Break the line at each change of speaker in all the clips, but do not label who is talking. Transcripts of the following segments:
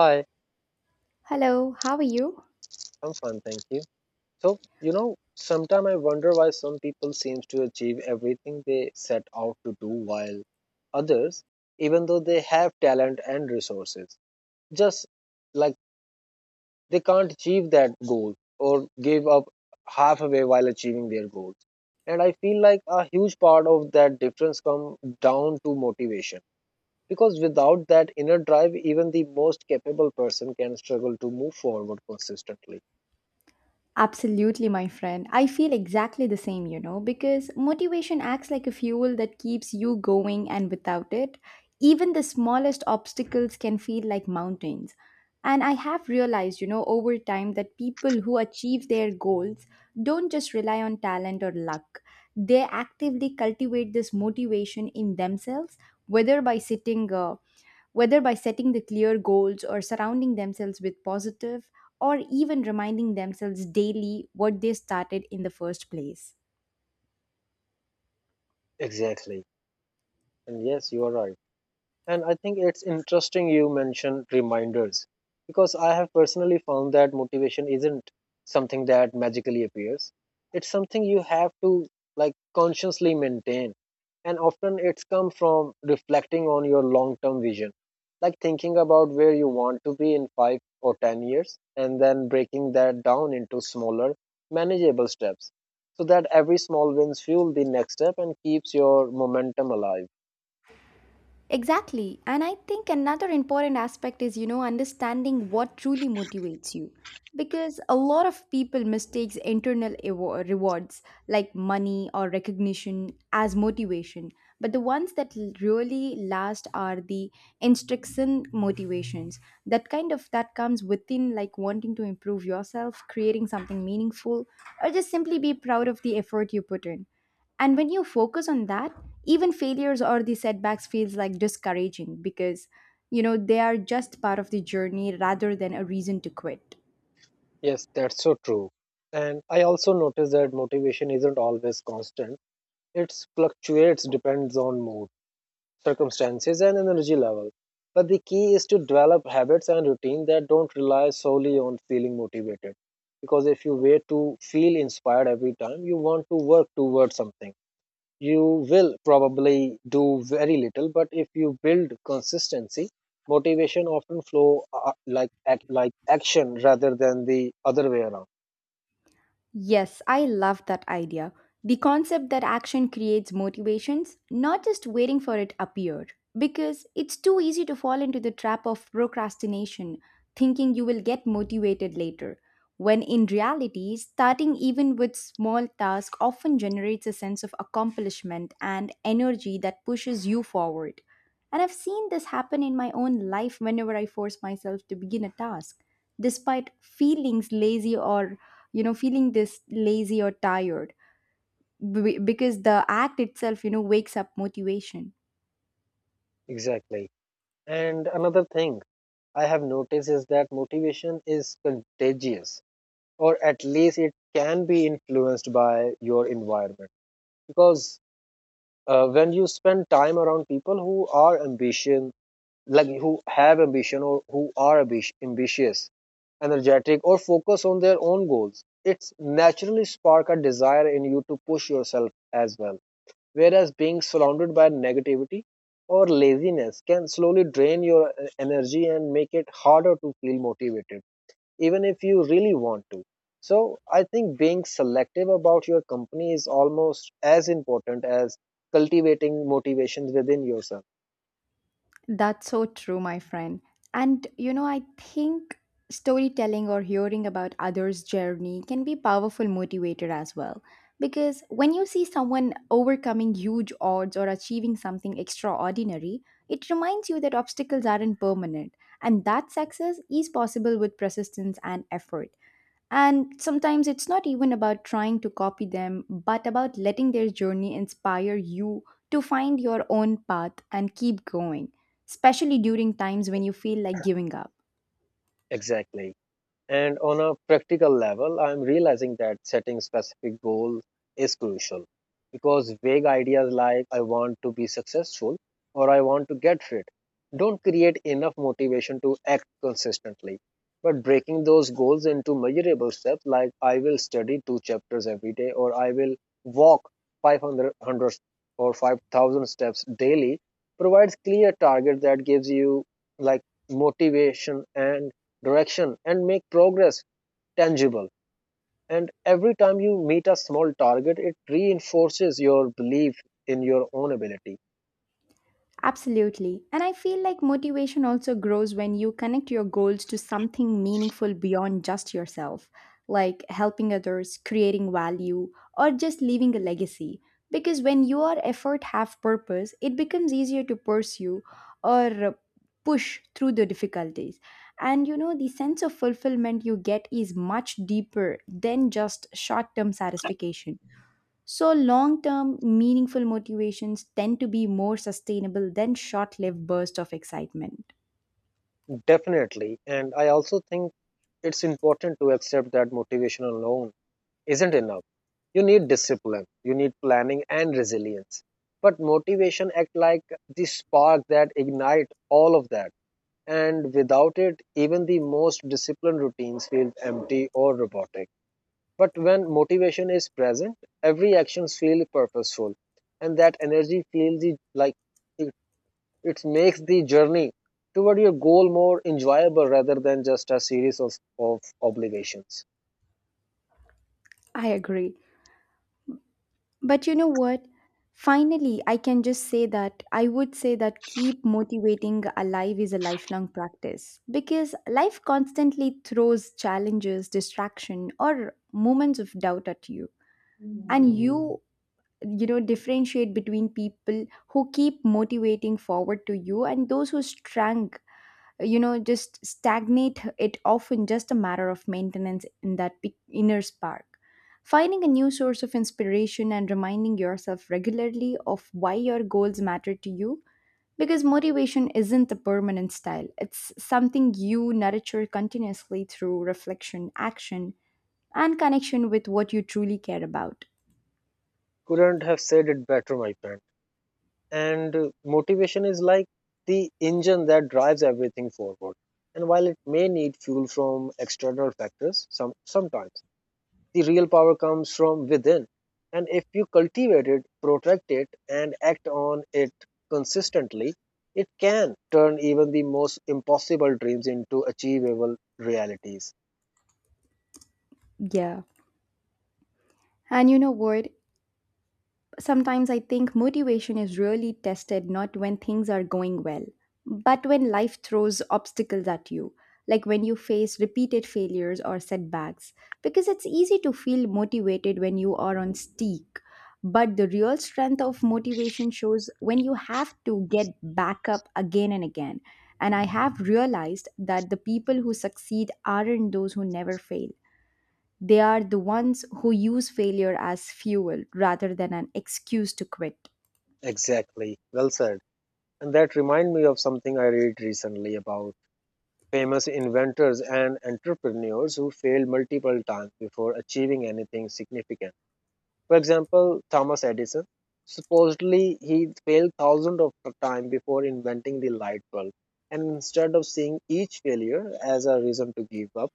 Hi,
Hello, how are you?
I'm fine, thank you. So, sometimes I wonder why some people seems to achieve everything they set out to do while others, even though they have talent and resources, just like they can't achieve that goal or give up halfway while achieving their goals. And I feel like a huge part of that difference come down to motivation. Because without that inner drive, even the most capable person can struggle to move forward consistently.
Absolutely, my friend. I feel exactly the same, you know, because motivation acts like a fuel that keeps you going, and without it, even the smallest obstacles can feel like mountains. And I have realized, you know, over time that people who achieve their goals don't just rely on talent or luck. They actively cultivate this motivation in themselves, whether by sitting uh, whether by setting the clear goals or surrounding themselves with positive or even reminding themselves daily what they started in the first place.
Exactly. And yes, you are right. And I think it's interesting you mentioned reminders because I have personally found that motivation isn't something that magically appears. It's something you have to like consciously maintain. And often it's come from reflecting on your long-term vision, like thinking about where you want to be in 5 or 10 years and then breaking that down into smaller, manageable steps so that every small wins fuel the next step and keeps your momentum alive.
Exactly. And I think another important aspect is, you know, understanding what truly motivates you. Because a lot of people mistakes rewards like money or recognition as motivation. But the ones that really last are the intrinsic motivations. That kind of that comes within, like wanting to improve yourself, creating something meaningful, or just simply be proud of the effort you put in. And when you focus on that, even failures or the setbacks feels like discouraging because, you know, they are just part of the journey rather than a reason to quit.
Yes, that's so true. And I also notice that motivation isn't always constant. It fluctuates depends on mood, circumstances and energy level. But the key is to develop habits and routine that don't rely solely on feeling motivated. Because if you wait to feel inspired every time you want to work towards something, you will probably do very little. But if you build consistency, motivation often flow like action rather than the other way around.
Yes, I love that idea. The concept that action creates motivations, not just waiting for it appear. Because it's too easy to fall into the trap of procrastination, thinking you will get motivated later. When in reality, starting even with small tasks often generates a sense of accomplishment and energy that pushes you forward. And I've seen this happen in my own life whenever I force myself to begin a task despite feelings lazy or feeling this lazy or tired because the act itself, you know, wakes up motivation.
Exactly. And another thing I have noticed is that motivation is contagious, or at least it can be influenced by your environment. Because when you spend time around people who are ambition, like who have ambition or who are ambitious, energetic, or focus on their own goals, it's naturally spark a desire in you to push yourself as well. Whereas being surrounded by negativity or laziness can slowly drain your energy and make it harder to feel motivated, even if you really want to. So, I think being selective about your company is almost as important as cultivating motivations within yourself.
That's so true, my friend. And, you know, I think storytelling or hearing about others journey can be powerful motivator as well, because when you see someone overcoming huge odds or achieving something extraordinary, it reminds you that obstacles aren't permanent and that success is possible with persistence and effort. And sometimes it's not even about trying to copy them, but about letting their journey inspire you to find your own path and keep going, especially during times when you feel like giving up.
Exactly. And on a practical level, I'm realizing that setting specific goals is crucial because vague ideas like I want to be successful or I want to get fit don't create enough motivation to act consistently. But breaking those goals into measurable steps like I will study two chapters every day or I will walk 500 100 or 5,000 steps daily provides clear target that gives you like motivation and direction and make progress tangible. And every time you meet a small target, it reinforces your belief in your own ability.
Absolutely. And I feel like motivation also grows when you connect your goals to something meaningful beyond just yourself, like helping others, creating value, or just leaving a legacy. Because when your effort have purpose, it becomes easier to pursue or push through the difficulties. And you know, the sense of fulfillment you get is much deeper than just short-term satisfaction. So, long term, meaningful motivations tend to be more sustainable than short lived bursts of excitement.
Definitely. And I also think it's important to accept that motivation alone isn't enough. You need discipline, you need planning and resilience. But motivation act like the spark that ignite all of that. And without it, even the most disciplined routines feel empty or robotic. But when motivation is present, every action feels purposeful, and that energy feels like it, it makes the journey toward your goal more enjoyable rather than just a series of obligations.
I agree. But you know what? Finally, I can just say that I would say that keep motivating alive is a lifelong practice because life constantly throws challenges, distraction, or moments of doubt at you. And you know, differentiate between people who keep motivating forward to you and those who strung, you know, just stagnate, it often just a matter of maintenance in that inner spark, finding a new source of inspiration and reminding yourself regularly of why your goals matter to you, because motivation isn't a permanent style, it's something you nurture continuously through reflection, action, and connection with what you truly care about.
Couldn't have said it better, my friend. And motivation is like the engine that drives everything forward. And while it may need fuel from external factors sometimes. The real power comes from within. And if you cultivate it, protect it, and act on it consistently, it can turn even the most impossible dreams into achievable realities.
Yeah. And you know what? Sometimes I think motivation is really tested not when things are going well, but when life throws obstacles at you, like when you face repeated failures or setbacks, because it's easy to feel motivated when you are on steak. But the real strength of motivation shows when you have to get back up again and again. And I have realized that the people who succeed aren't those who never fail, they are the ones who use failure as fuel rather than an excuse to quit.
Exactly. Well said. And that reminds me of something I read recently about famous inventors and entrepreneurs who failed multiple times before achieving anything significant. For example, Thomas Edison. Supposedly, he failed thousands of times before inventing the light bulb. And instead of seeing each failure as a reason to give up,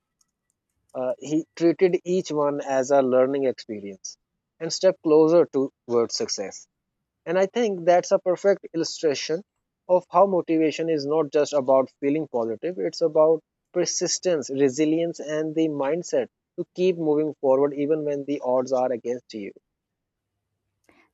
he treated each one as a learning experience and step closer towards success. And I think that's a perfect illustration of how motivation is not just about feeling positive, it's about persistence, resilience, and the mindset to keep moving forward even when the odds are against you.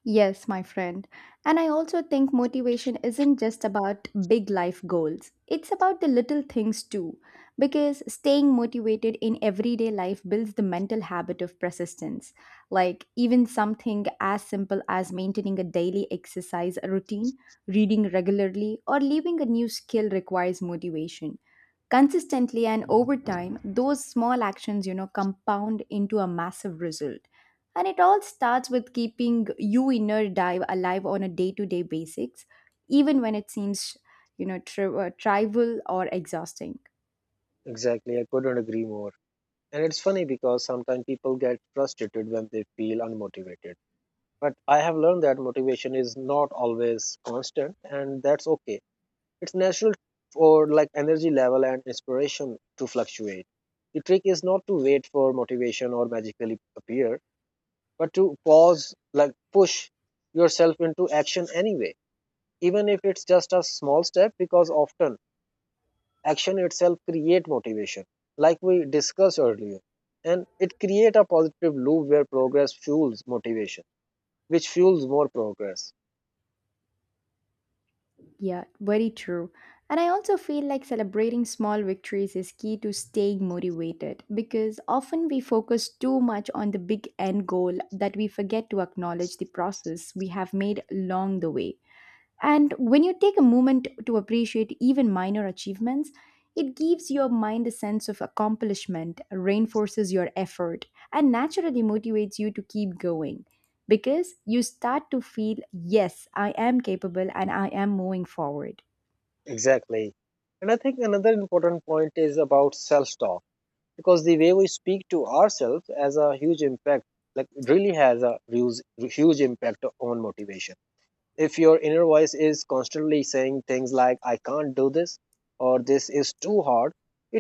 Yes, my friend. And I also think motivation isn't just about big life goals, it's about the little things too. Because staying motivated in everyday life builds the mental habit of persistence. Like, even something as simple as maintaining a daily exercise routine, reading regularly, or leaving a new skill requires motivation consistently. And over time, those small actions, you know, compound into a massive result, and it all starts with keeping you inner dive alive on a day-to-day basics, even when it seems, you know, trivial or exhausting.
Exactly, I couldn't agree more. And it's funny because sometimes people get frustrated when they feel unmotivated. But I have learned that motivation is not always constant, and that's okay. It's natural for like energy level and inspiration to fluctuate. The trick is not to wait for motivation or magically appear, but to pause, like push yourself into action anyway, even if it's just a small step, because often action itself create motivation like we discussed earlier. And it create a positive loop where progress fuels motivation which fuels more progress.
Yeah, very true. And I also feel like celebrating small victories is key to staying motivated, because often we focus too much on the big end goal that we forget to acknowledge the process we have made along the way. And when you take a moment to appreciate even minor achievements, it gives your mind a sense of accomplishment, reinforces your effort, and naturally motivates you to keep going, because you start to feel, yes, I am capable and I am moving forward.
Exactly. And I think another important point is about self talk. Because the way we speak to ourselves has a huge impact, like it really has a huge huge impact on motivation. If your inner voice is constantly saying things like I can't do this, or this is too hard,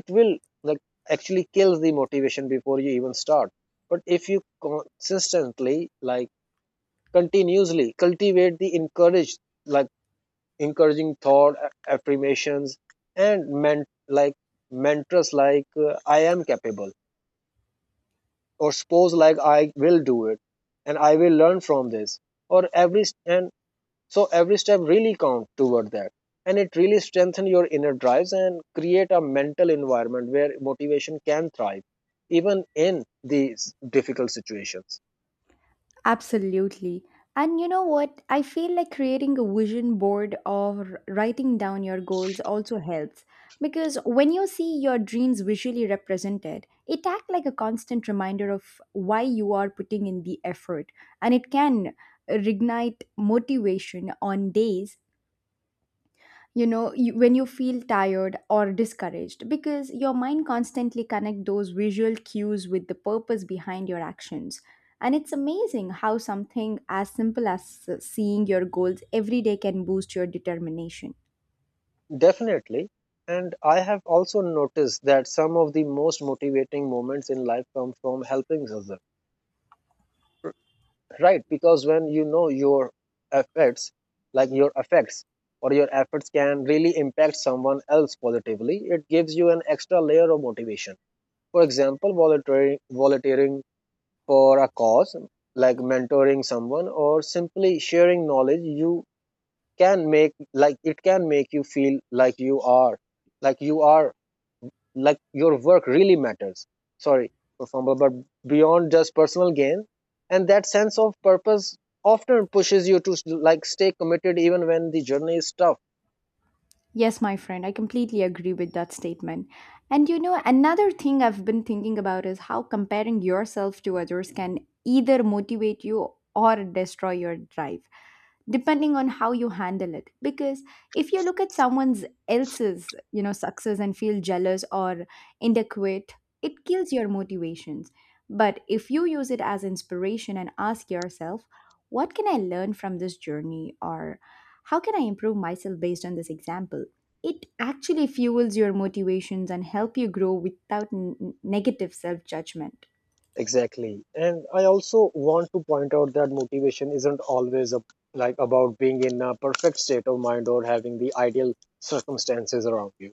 it will like actually kills the motivation before you even start. But if you consistently like continuously cultivate the encourage like encouraging thought, affirmations and men like mantras like I am capable, or suppose like I will do it, and I will learn from this, or every and so every step really counts toward that. And it really strengthens your inner drives and create a mental environment where motivation can thrive, even in these difficult situations.
Absolutely. And you know what? I feel like creating a vision board or writing down your goals also helps, because when you see your dreams visually represented, it acts like a constant reminder of why you are putting in the effort, and it can reignite motivation on days, you know, when you feel tired or discouraged, because your mind constantly connect those visual cues with the purpose behind your actions. And it's amazing how something as simple as seeing your goals every day can boost your determination.
Definitely. And I have also noticed that some of the most motivating moments in life come from helping others. Right? Because when you know your effects, like your effects or your efforts can really impact someone else positively, it gives you an extra layer of motivation. For example, volunteering for a cause like mentoring someone or simply sharing knowledge you can make like it can make you feel like you are like your work really matters. Sorry for fumble, but beyond just personal gain, and that sense of purpose often pushes you to like stay committed even when the journey is tough.
Yes, my friend, I completely agree with that statement. And you know, another thing I've been thinking about is how comparing yourself to others can either motivate you or destroy your drive, depending on how you handle it. Because if you look at someone's else's, you know, success and feel jealous or inadequate, it kills your motivations. But if you use it as inspiration and ask yourself, what can I learn from this journey, or how can I improve myself based on this example? It actually fuels your motivations and help you grow without negative self judgment.
Exactly. And I also want to point out that motivation isn't always like about being in a perfect state of mind or having the ideal circumstances around you.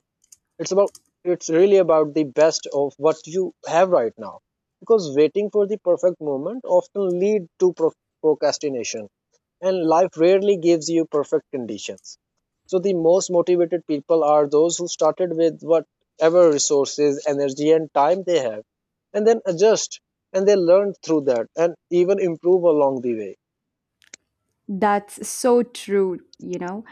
It's about it's really about the best of what you have right now. Because waiting for the perfect moment often lead to procrastination and life rarely gives you perfect conditions. So the most motivated people are those who started with whatever resources, energy, and time they have, and then adjust and they learn through that and even improve along the way.
That's so true, you know.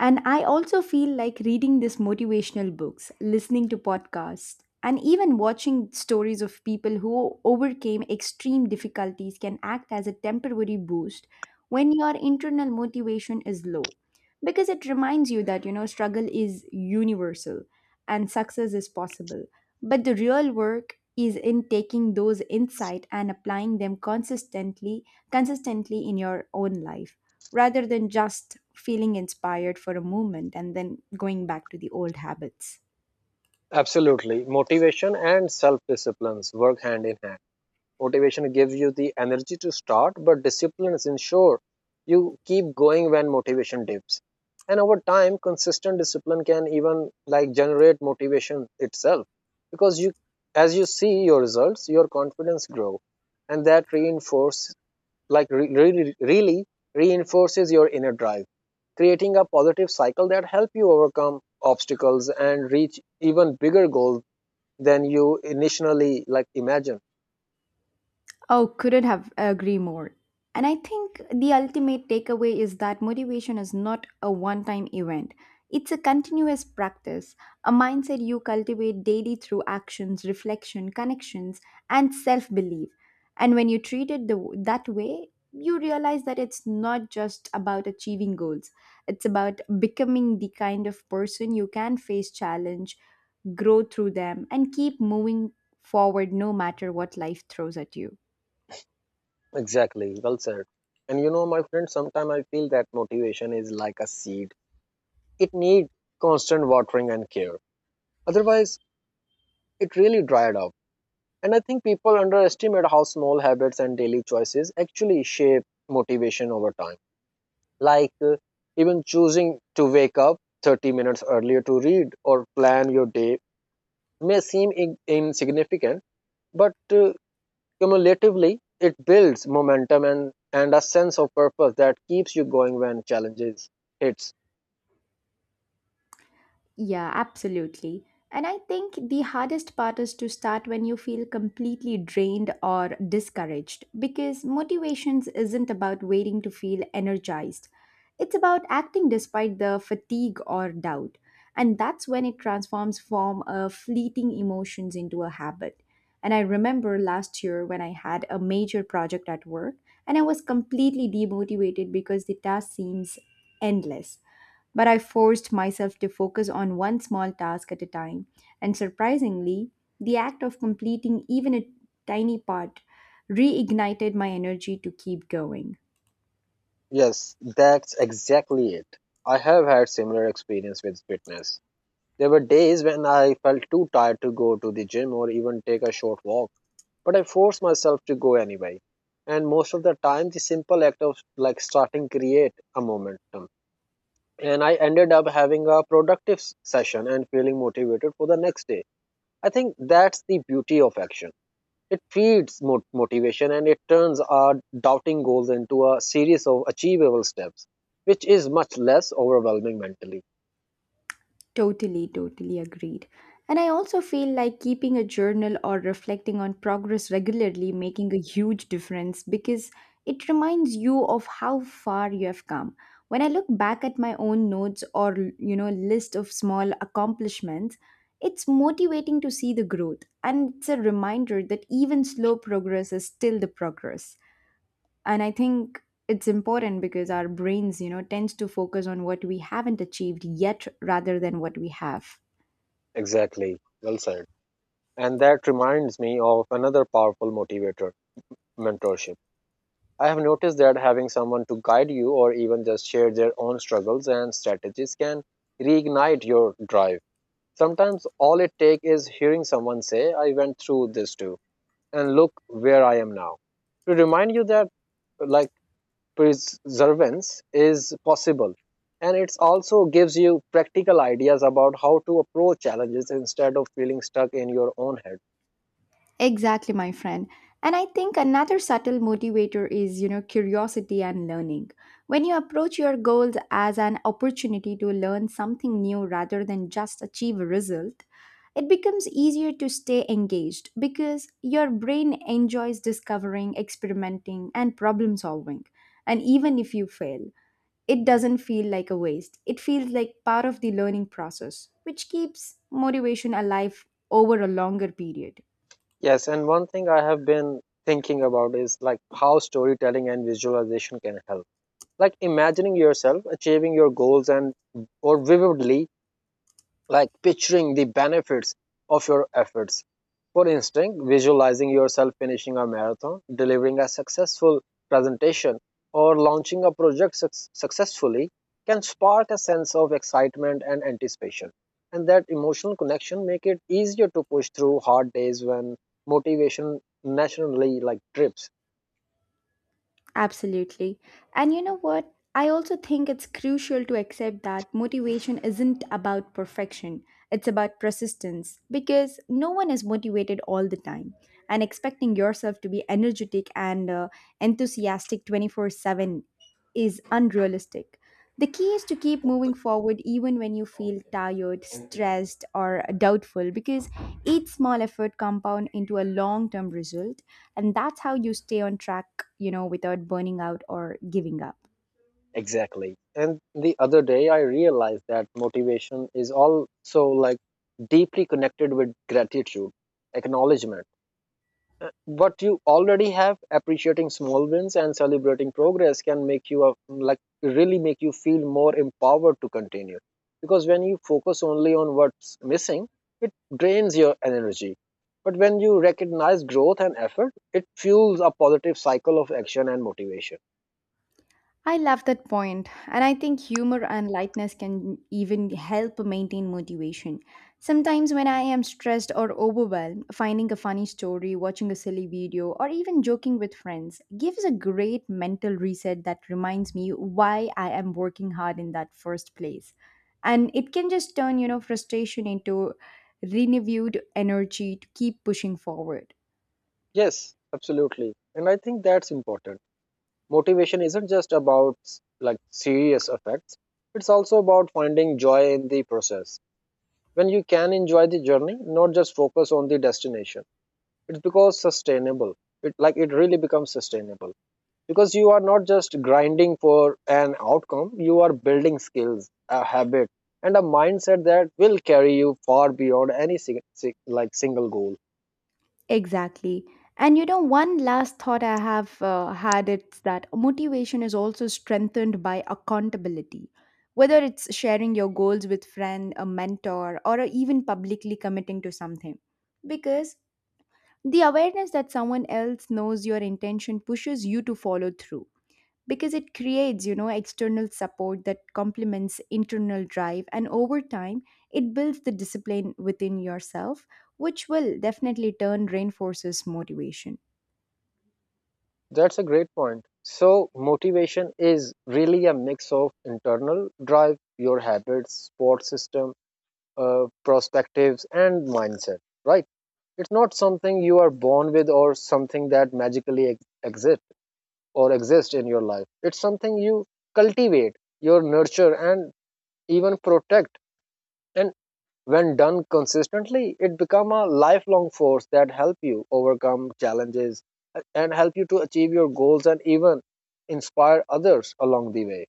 And I also feel like reading these motivational books, listening to podcasts, and even watching stories of people who overcame extreme difficulties can act as a temporary boost when your internal motivation is low. Because it reminds you that, you know, struggle is universal and success is possible. But the real work is in taking those insight and applying them consistently in your own life, rather than just feeling inspired for a moment and then going back to the old habits.
Absolutely. Motivation and self disciplines work hand in hand. Motivation gives you the energy to start, but discipline ensures you keep going when motivation dips. And over time, consistent discipline can even like generate motivation itself because as you see your results, your confidence grow, and that reinforce like re- really really reinforces your inner drive, creating a positive cycle that help you overcome obstacles and reach even bigger goals than you initially like imagine.
Oh, couldn't have agree more. And I think the ultimate takeaway is that motivation is not a one time event. It's a continuous practice, a mindset you cultivate daily through actions, reflection, connections, and self belief. And when you treat it that way, you realize that it's not just about achieving goals, it's about becoming the kind of person you can face challenge, grow through them, and keep moving forward no matter what life throws at you.
Exactly, well said. And my friend, sometimes I feel that motivation is like a seed. It needs constant watering and care. Otherwise, it really dried up. And I think people underestimate how small habits and daily choices actually shape motivation over time. Like even choosing to wake up 30 minutes earlier to read or plan your day may seem insignificant, but cumulatively, it builds momentum and a sense of purpose that keeps you going when challenges hits.
Yeah, absolutely. And I think the hardest part is to start when you feel completely drained or discouraged, because motivations isn't about waiting to feel energized. It's about acting despite the fatigue or doubt. And that's when it transforms from a fleeting emotions into a habit. And I remember last year when I had a major project at work and I was completely demotivated because the task seems endless, but I forced myself to focus on one small task at a time, and surprisingly, the act of completing even a tiny part reignited my energy to keep going.
Yes, that's exactly it. I have had similar experience with fitness. There were days when I felt too tired to go to the gym or even take a short walk, but I forced myself to go anyway. And most of the time, the simple act of like starting create a momentum. And I ended up having a productive session and feeling motivated for the next day. I think that's the beauty of action. It feeds motivation, and it turns our doubting goals into a series of achievable steps, which is much less overwhelming mentally.
Totally agreed. And I also feel like keeping a journal or reflecting on progress regularly making a huge difference, because it reminds you of how far you have come. When I look back at my own notes or, you know, list of small accomplishments, it's motivating to see the growth, and it's a reminder that even slow progress is still the progress. And I think it's important because our brains, you know, tends to focus on what we haven't achieved yet rather than what we have.
Exactly. Well said. And that reminds me of another powerful motivator, mentorship. I have noticed that having someone to guide you or even just share their own struggles and strategies can reignite your drive. Sometimes all it takes is hearing someone say, I went through this too, and look where I am now, to remind you that like perseverance is possible. And it also gives you practical ideas about how to approach challenges instead of feeling stuck in your own head.
Exactly, my friend. And I think another subtle motivator is, you know, curiosity and learning. When you approach your goals as an opportunity to learn something new rather than just achieve a result, it becomes easier to stay engaged because your brain enjoys discovering, experimenting, and problem solving. And even if you fail, it doesn't feel like a waste. It feels like part of the learning process, which keeps motivation alive over a longer period.
Yes, and one thing I have been thinking about is like how storytelling and visualization can help, like imagining yourself achieving your goals, and or vividly like picturing the benefits of your efforts. For instance, visualizing yourself finishing a marathon, delivering a successful presentation, or launching a project successfully can spark a sense of excitement and anticipation. And that emotional connection make it easier to push through hard days when motivation naturally like drips.
Absolutely. And you know what? I also think it's crucial to accept that motivation isn't about perfection, it's about persistence, because no one is motivated all the time. And expecting yourself to be energetic and enthusiastic 24/7 is unrealistic. The key is to keep moving forward even when you feel tired, stressed, or doubtful because each small effort compound into a long-term result, and that's how you stay on track, without burning out or giving up.
Exactly. And the other day, I realized that motivation is also like deeply connected with gratitude, acknowledgement. What you already have, appreciating small wins and celebrating progress can make you like really make you feel more empowered to continue. Because when you focus only on what's missing, it drains your energy. But when you recognize growth and effort, it fuels a positive cycle of action and motivation.
I love that point, and I think humor and lightness can even help maintain motivation. Sometimes, when I am stressed or overwhelmed, finding a funny story, watching a silly video, or even joking with friends gives a great mental reset that reminds me why I am working hard in that first place. And it can just turn, frustration into renewed energy to keep pushing forward.
Yes, absolutely. And I think that's important. Motivation isn't just about like serious effects. It's also about finding joy in the process. When you can enjoy the journey, not just focus on the destination. It's because sustainable. It really becomes sustainable because you are not just grinding for an outcome, you are building skills, a habit, and a mindset that will carry you far beyond any single goal.
Exactly. One last thought I have had it's that motivation is also strengthened by accountability. Whether it's sharing your goals with friend, a mentor, or even publicly committing to something. Because the awareness that someone else knows your intention pushes you to follow through because it creates, external support that complements internal drive, and over time it builds the discipline within yourself, which will definitely turn reinforces motivation.
That's a great point. So, motivation is really a mix of internal drive, your habits, support system, perspectives, and mindset, right? It's not something you are born with or something that magically exist in your life. It's something you cultivate, your nurture, and even protect, and when done consistently, it becomes a lifelong force that help you overcome challenges and help you to achieve your goals and even inspire others along the way.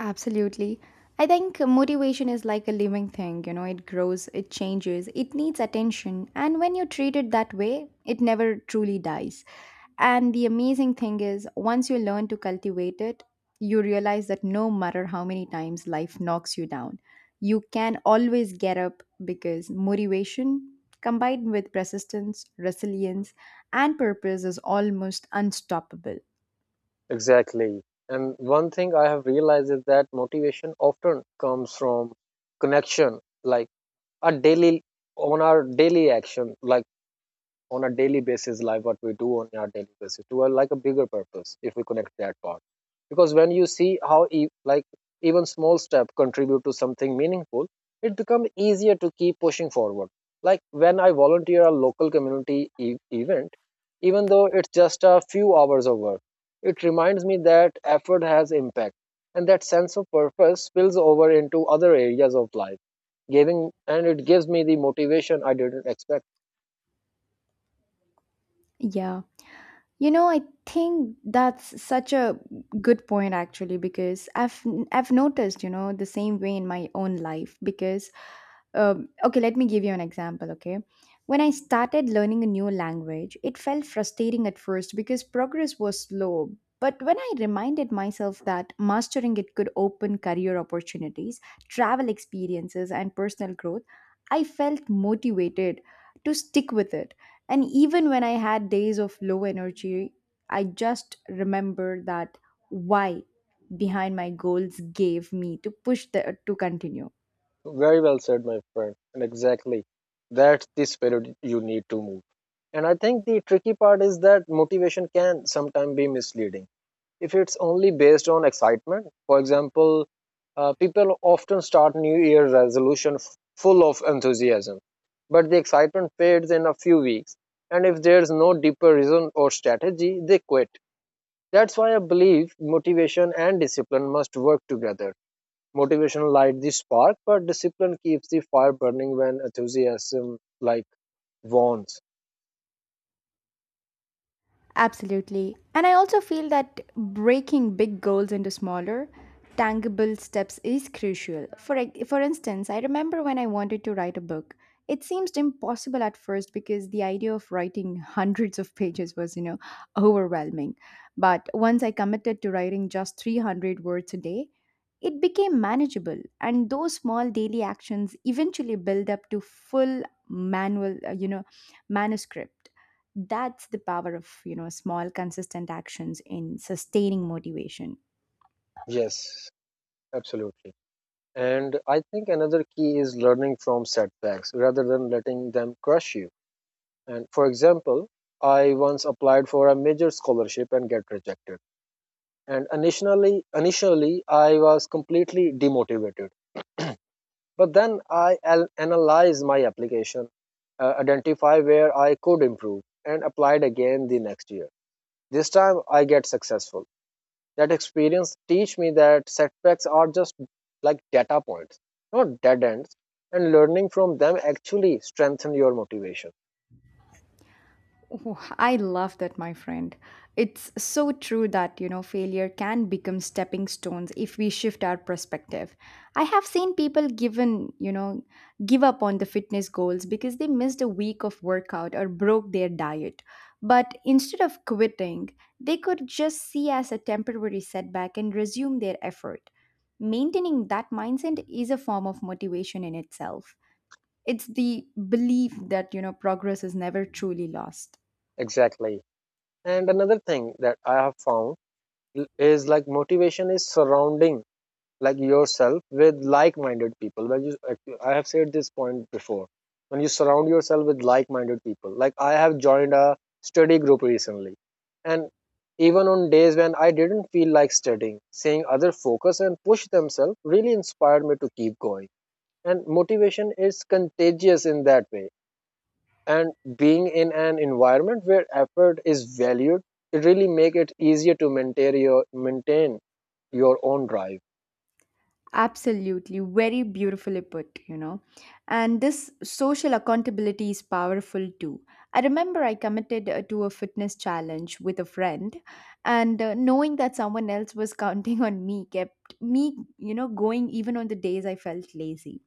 Absolutely. I think motivation is like a living thing, it grows, it changes, it needs attention. And when you treat it that way, it never truly dies. And the amazing thing is, once you learn to cultivate it, you realize that no matter how many times life knocks you down, you can always get up because motivation combined with persistence, resilience, and purpose is almost unstoppable.
Exactly. And one thing I have realized is that motivation often comes from connection, like a daily on our daily action, like on a daily basis, like what we do on our daily basis to a like a bigger purpose, if we connect that part. Because when you see how even small step contribute to something meaningful, it becomes easier to keep pushing forward. Like when I volunteer a local community event, even though it's just a few hours of work, it reminds me that effort has impact, and that sense of purpose spills over into other areas of life, giving and it gives me the motivation I didn't expect.
Yeah. You know, I think that's such a good point actually because I've noticed, the same way in my own life because okay, let me give you an example. Okay, when I started learning a new language, it felt frustrating at first because progress was slow. But when I reminded myself that mastering it could open career opportunities, travel experiences, and personal growth, I felt motivated to stick with it. And even when I had days of low energy, I just remember that why behind my goals gave me to push the to continue.
Very well said, my friend. And exactly, that's the spirit you need to move. And I think the tricky part is that motivation can sometimes be misleading. If it's only based on excitement, for example, people often start New Year resolution full of enthusiasm, but the excitement fades in a few weeks. And if there's no deeper reason or strategy, they quit. That's why I believe motivation and discipline must work together. Motivation light the spark, but discipline keeps the fire burning when enthusiasm like warns.
Absolutely. And I also feel that breaking big goals into smaller, tangible steps is crucial. For instance, I remember when I wanted to write a book. It seemed impossible at first because the idea of writing hundreds of pages was, overwhelming. But once I committed to writing just 300 words a day, it became manageable, and those small daily actions eventually build up to full manual, manuscript. That's the power of, small consistent actions in sustaining motivation.
Yes, absolutely. And I think another key is learning from setbacks rather than letting them crush you. And for example, I once applied for a major scholarship and get rejected. And initially I was completely demotivated. But then I analyzed my application, identify where I could improve, and applied again the next year. This time I get successful. That experience teach me that setbacks are just like data points, not dead ends, and learning from them actually strengthen your motivation.
Oh, I love that, my friend. It's so true that, failure can become stepping stones if we shift our perspective. I have seen people given, give up on the fitness goals because they missed a week of workout or broke their diet. But instead of quitting, they could just see as a temporary setback and resume their effort. Maintaining that mindset is a form of motivation in itself. It's the belief that, progress is never truly lost.
Exactly. And another thing that I have found is like motivation is surrounding like yourself with like-minded people when you like, I have said this point before. When you surround yourself with like-minded people, like I have joined a study group recently, and even on days when I didn't feel like studying, seeing other focus and push themselves really inspired me to keep going. And motivation is contagious in that way, and being in an environment where effort is valued, it really make it easier to maintain your own drive.
Absolutely, very beautifully put, you know. And this social accountability is powerful too. I remember I committed to a fitness challenge with a friend, and knowing that someone else was counting on me kept me, going even on the days I felt lazy.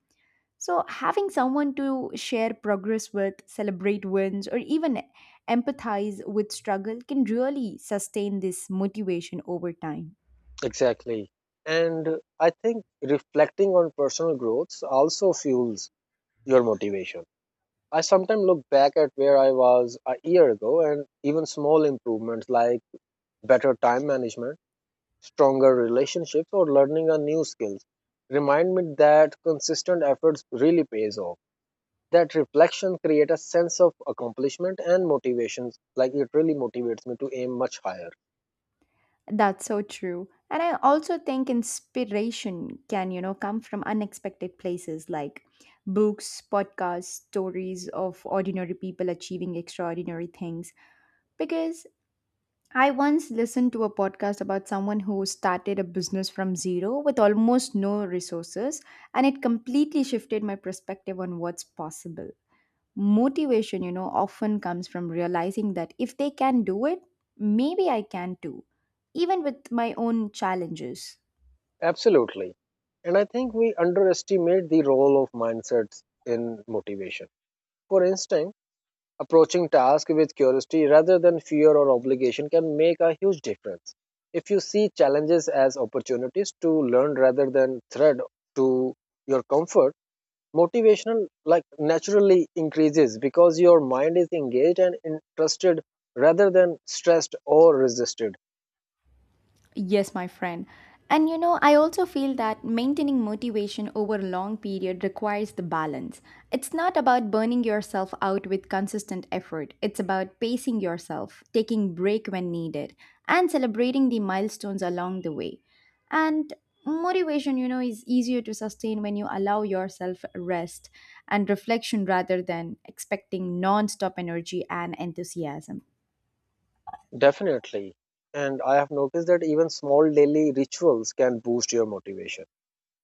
So, having someone to share progress with, celebrate wins, or even empathize with struggle can really sustain this motivation over time.
Exactly. And I think reflecting on personal growth also fuels your motivation. I sometimes look back at where I was a year ago, and even small improvements, like better time management, stronger relationships, or learning a new skills, remind me that consistent efforts really pays off. That reflection creates a sense of accomplishment and motivations, like it really motivates me to aim much higher.
That's so true. And I also think inspiration can, come from unexpected places like books, podcasts, stories of ordinary people achieving extraordinary things. Because I once listened to a podcast about someone who started a business from zero with almost no resources, and it completely shifted my perspective on what's possible. Motivation, often comes from realizing that if they can do it, maybe I can too, even with my own challenges.
Absolutely. And I think we underestimate the role of mindsets in motivation. For instance, approaching tasks with curiosity rather than fear or obligation can make a huge difference. If you see challenges as opportunities to learn rather than threat to your comfort, motivational like naturally increases because your mind is engaged and interested rather than stressed or resisted.
Yes, my friend. And you know, I also feel that maintaining motivation over a long period requires the balance. It's not about burning yourself out with consistent effort, it's about pacing yourself, taking break when needed, and celebrating the milestones along the way. And motivation, is easier to sustain when you allow yourself rest and reflection rather than expecting non-stop energy and enthusiasm.
Definitely. And I have noticed that even small daily rituals can boost your motivation.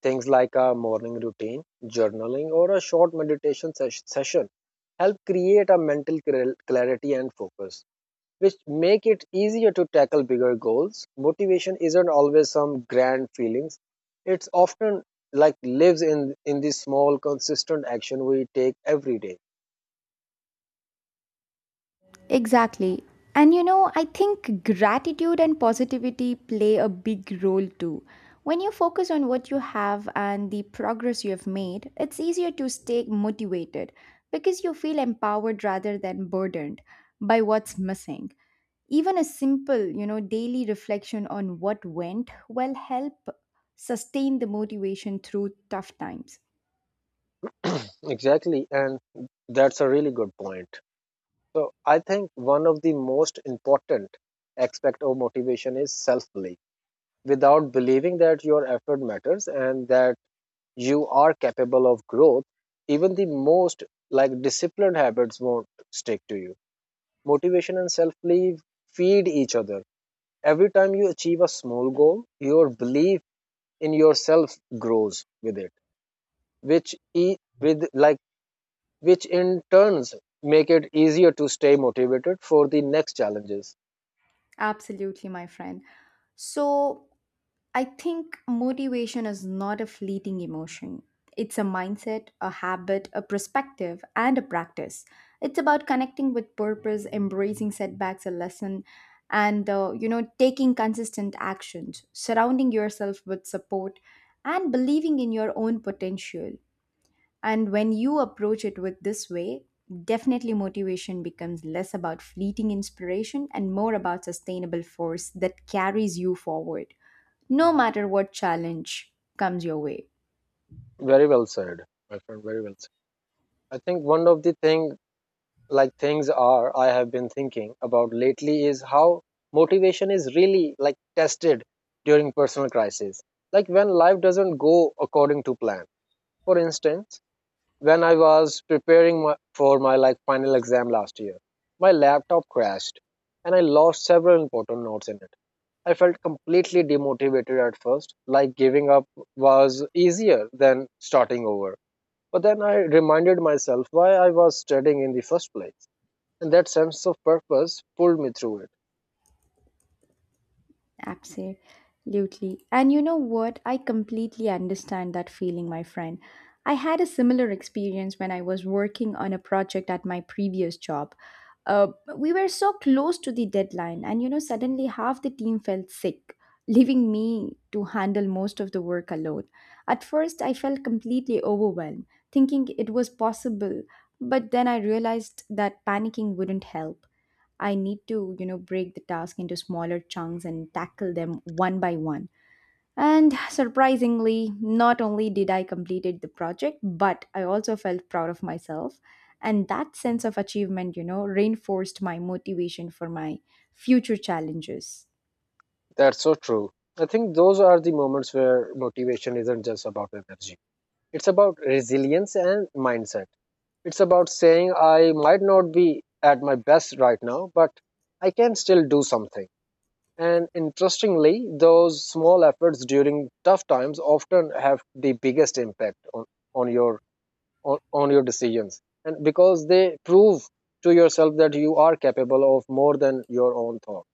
Things like a morning routine, journaling, or a short meditation session help create a mental clarity and focus, which make it easier to tackle bigger goals. Motivation isn't always some grand feelings. It's often like lives in the small consistent action we take every day.
Exactly. And you know, I think gratitude and positivity play a big role too. When you focus on what you have and the progress you have made, it's easier to stay motivated because you feel empowered rather than burdened by what's missing. Even a simple, daily reflection on what went will help sustain the motivation through tough times.
Exactly, and that's a really good point. So I think one of the most important aspect of motivation is self-belief. Without believing that your effort matters and that you are capable of growth, even the most like disciplined habits won't stick to you. Motivation and self-belief feed each other. Every time you achieve a small goal, your belief in yourself grows with it, which e- with like which in turns make it easier to stay motivated for the next challenges.
Absolutely, my friend. So, I think motivation is not a fleeting emotion. It's a mindset, a habit, a perspective, and a practice. It's about connecting with purpose, embracing setbacks, a lesson, and taking consistent actions, surrounding yourself with support, and believing in your own potential. And when you approach it with this way, definitely motivation becomes less about fleeting inspiration and more about sustainable force that carries you forward, no matter what challenge comes your way.
Very well said, my friend. Very well said. I think one of the things are I have been thinking about lately is how motivation is really like tested during personal crisis. Like when life doesn't go according to plan. For instance, when I was preparing for my like final exam last year, my laptop crashed and I lost several important notes in it. I felt completely demotivated at first, like giving up was easier than starting over, but then I reminded myself why I was studying in the first place, and that sense of purpose pulled me through it.
Absolutely. And you know what? I completely understand that feeling, my friend. I had a similar experience when I was working on a project at my previous job. Uh, we were so close to the deadline, and, suddenly half the team felt sick, leaving me to handle most of the work alone. At first, I felt completely overwhelmed, thinking it was possible, but then I realized that panicking wouldn't help. I need to, break the task into smaller chunks and tackle them one by one. And surprisingly, not only did I completed the project, but I also felt proud of myself. And that sense of achievement, reinforced my motivation for my future challenges.
That's so true. I think those are the moments where motivation isn't just about energy, it's about resilience and mindset. It's about saying, I might not be at my best right now, but I can still do something. And interestingly, those small efforts during tough times often have the biggest impact on your on your decisions, and because they prove to yourself that you are capable of more than your own thought.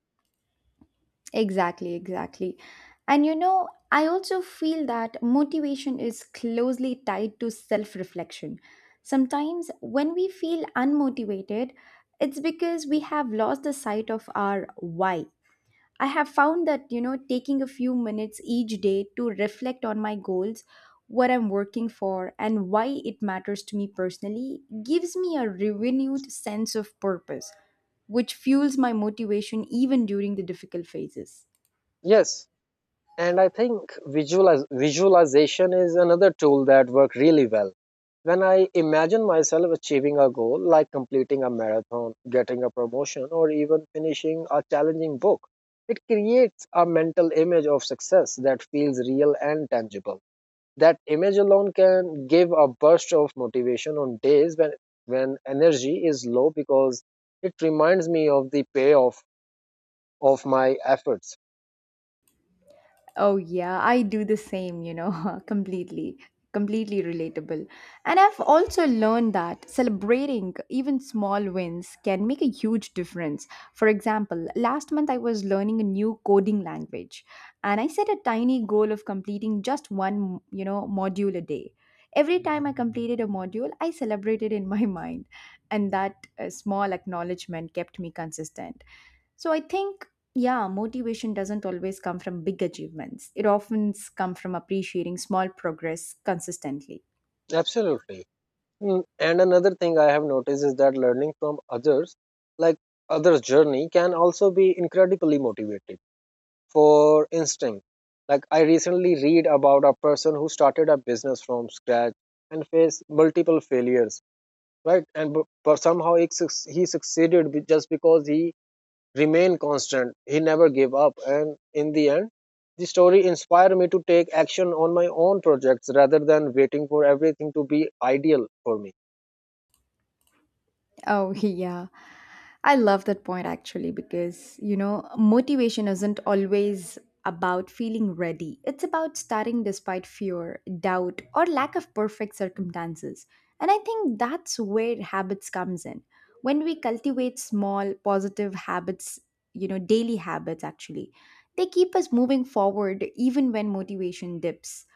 Exactly, exactly. And you know, I also feel that motivation is closely tied to self reflection. Sometimes when we feel unmotivated, it's because we have lost the sight of our why. I have found that, taking a few minutes each day to reflect on my goals, what I'm working for, and why it matters to me personally gives me a renewed sense of purpose, which fuels my motivation even during the difficult phases.
Yes, and I think visualization is another tool that works really well. When I imagine myself achieving a goal, like completing a marathon, getting a promotion, or even finishing a challenging book, it creates a mental image of success that feels real and tangible. That image alone can give a burst of motivation on days when energy is low, because it reminds me of the payoff of my efforts.
Oh, yeah, I do the same, you know, completely relatable. And I've also learned that celebrating even small wins can make a huge difference. For example, last month I was learning a new coding language and I set a tiny goal of completing just one, module a day. Every time I completed a module, I celebrated in my mind, and that small acknowledgement kept me consistent. So I think, yeah, motivation doesn't always come from big achievements. It often comes from appreciating small progress consistently.
Absolutely. And another thing I have noticed is that learning from others, like others' journey, can also be incredibly motivating. For instance, like I recently read about a person who started a business from scratch and faced multiple failures, right? But somehow he succeeded just because he remained constant, he never gave up, and in the end, the story inspired me to take action on my own projects rather than waiting for everything to be ideal for me.
Oh, yeah. I love that point actually because, motivation isn't always about feeling ready. It's about starting despite fear, doubt, or lack of perfect circumstances. And I think that's where habits comes in. When we cultivate small positive habits, daily habits actually, they keep us moving forward even when motivation dips.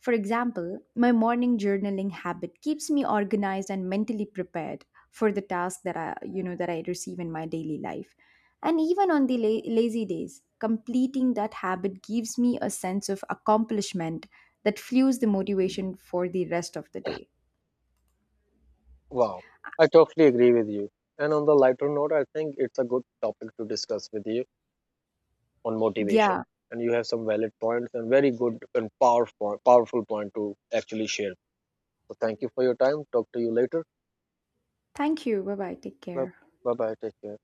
For example, my morning journaling habit keeps me organized and mentally prepared for the task that that I receive in my daily life. And even on the lazy days, completing that habit gives me a sense of accomplishment that fuels the motivation for the rest of the day.
Wow, I totally agree with you. And on the lighter note, I think it's a good topic to discuss with you on motivation.
Yeah.
And you have some valid points, and very good and powerful point to actually share. So thank you for your time, talk to you later.
Thank you. Bye bye. Take care.
Bye bye, take care.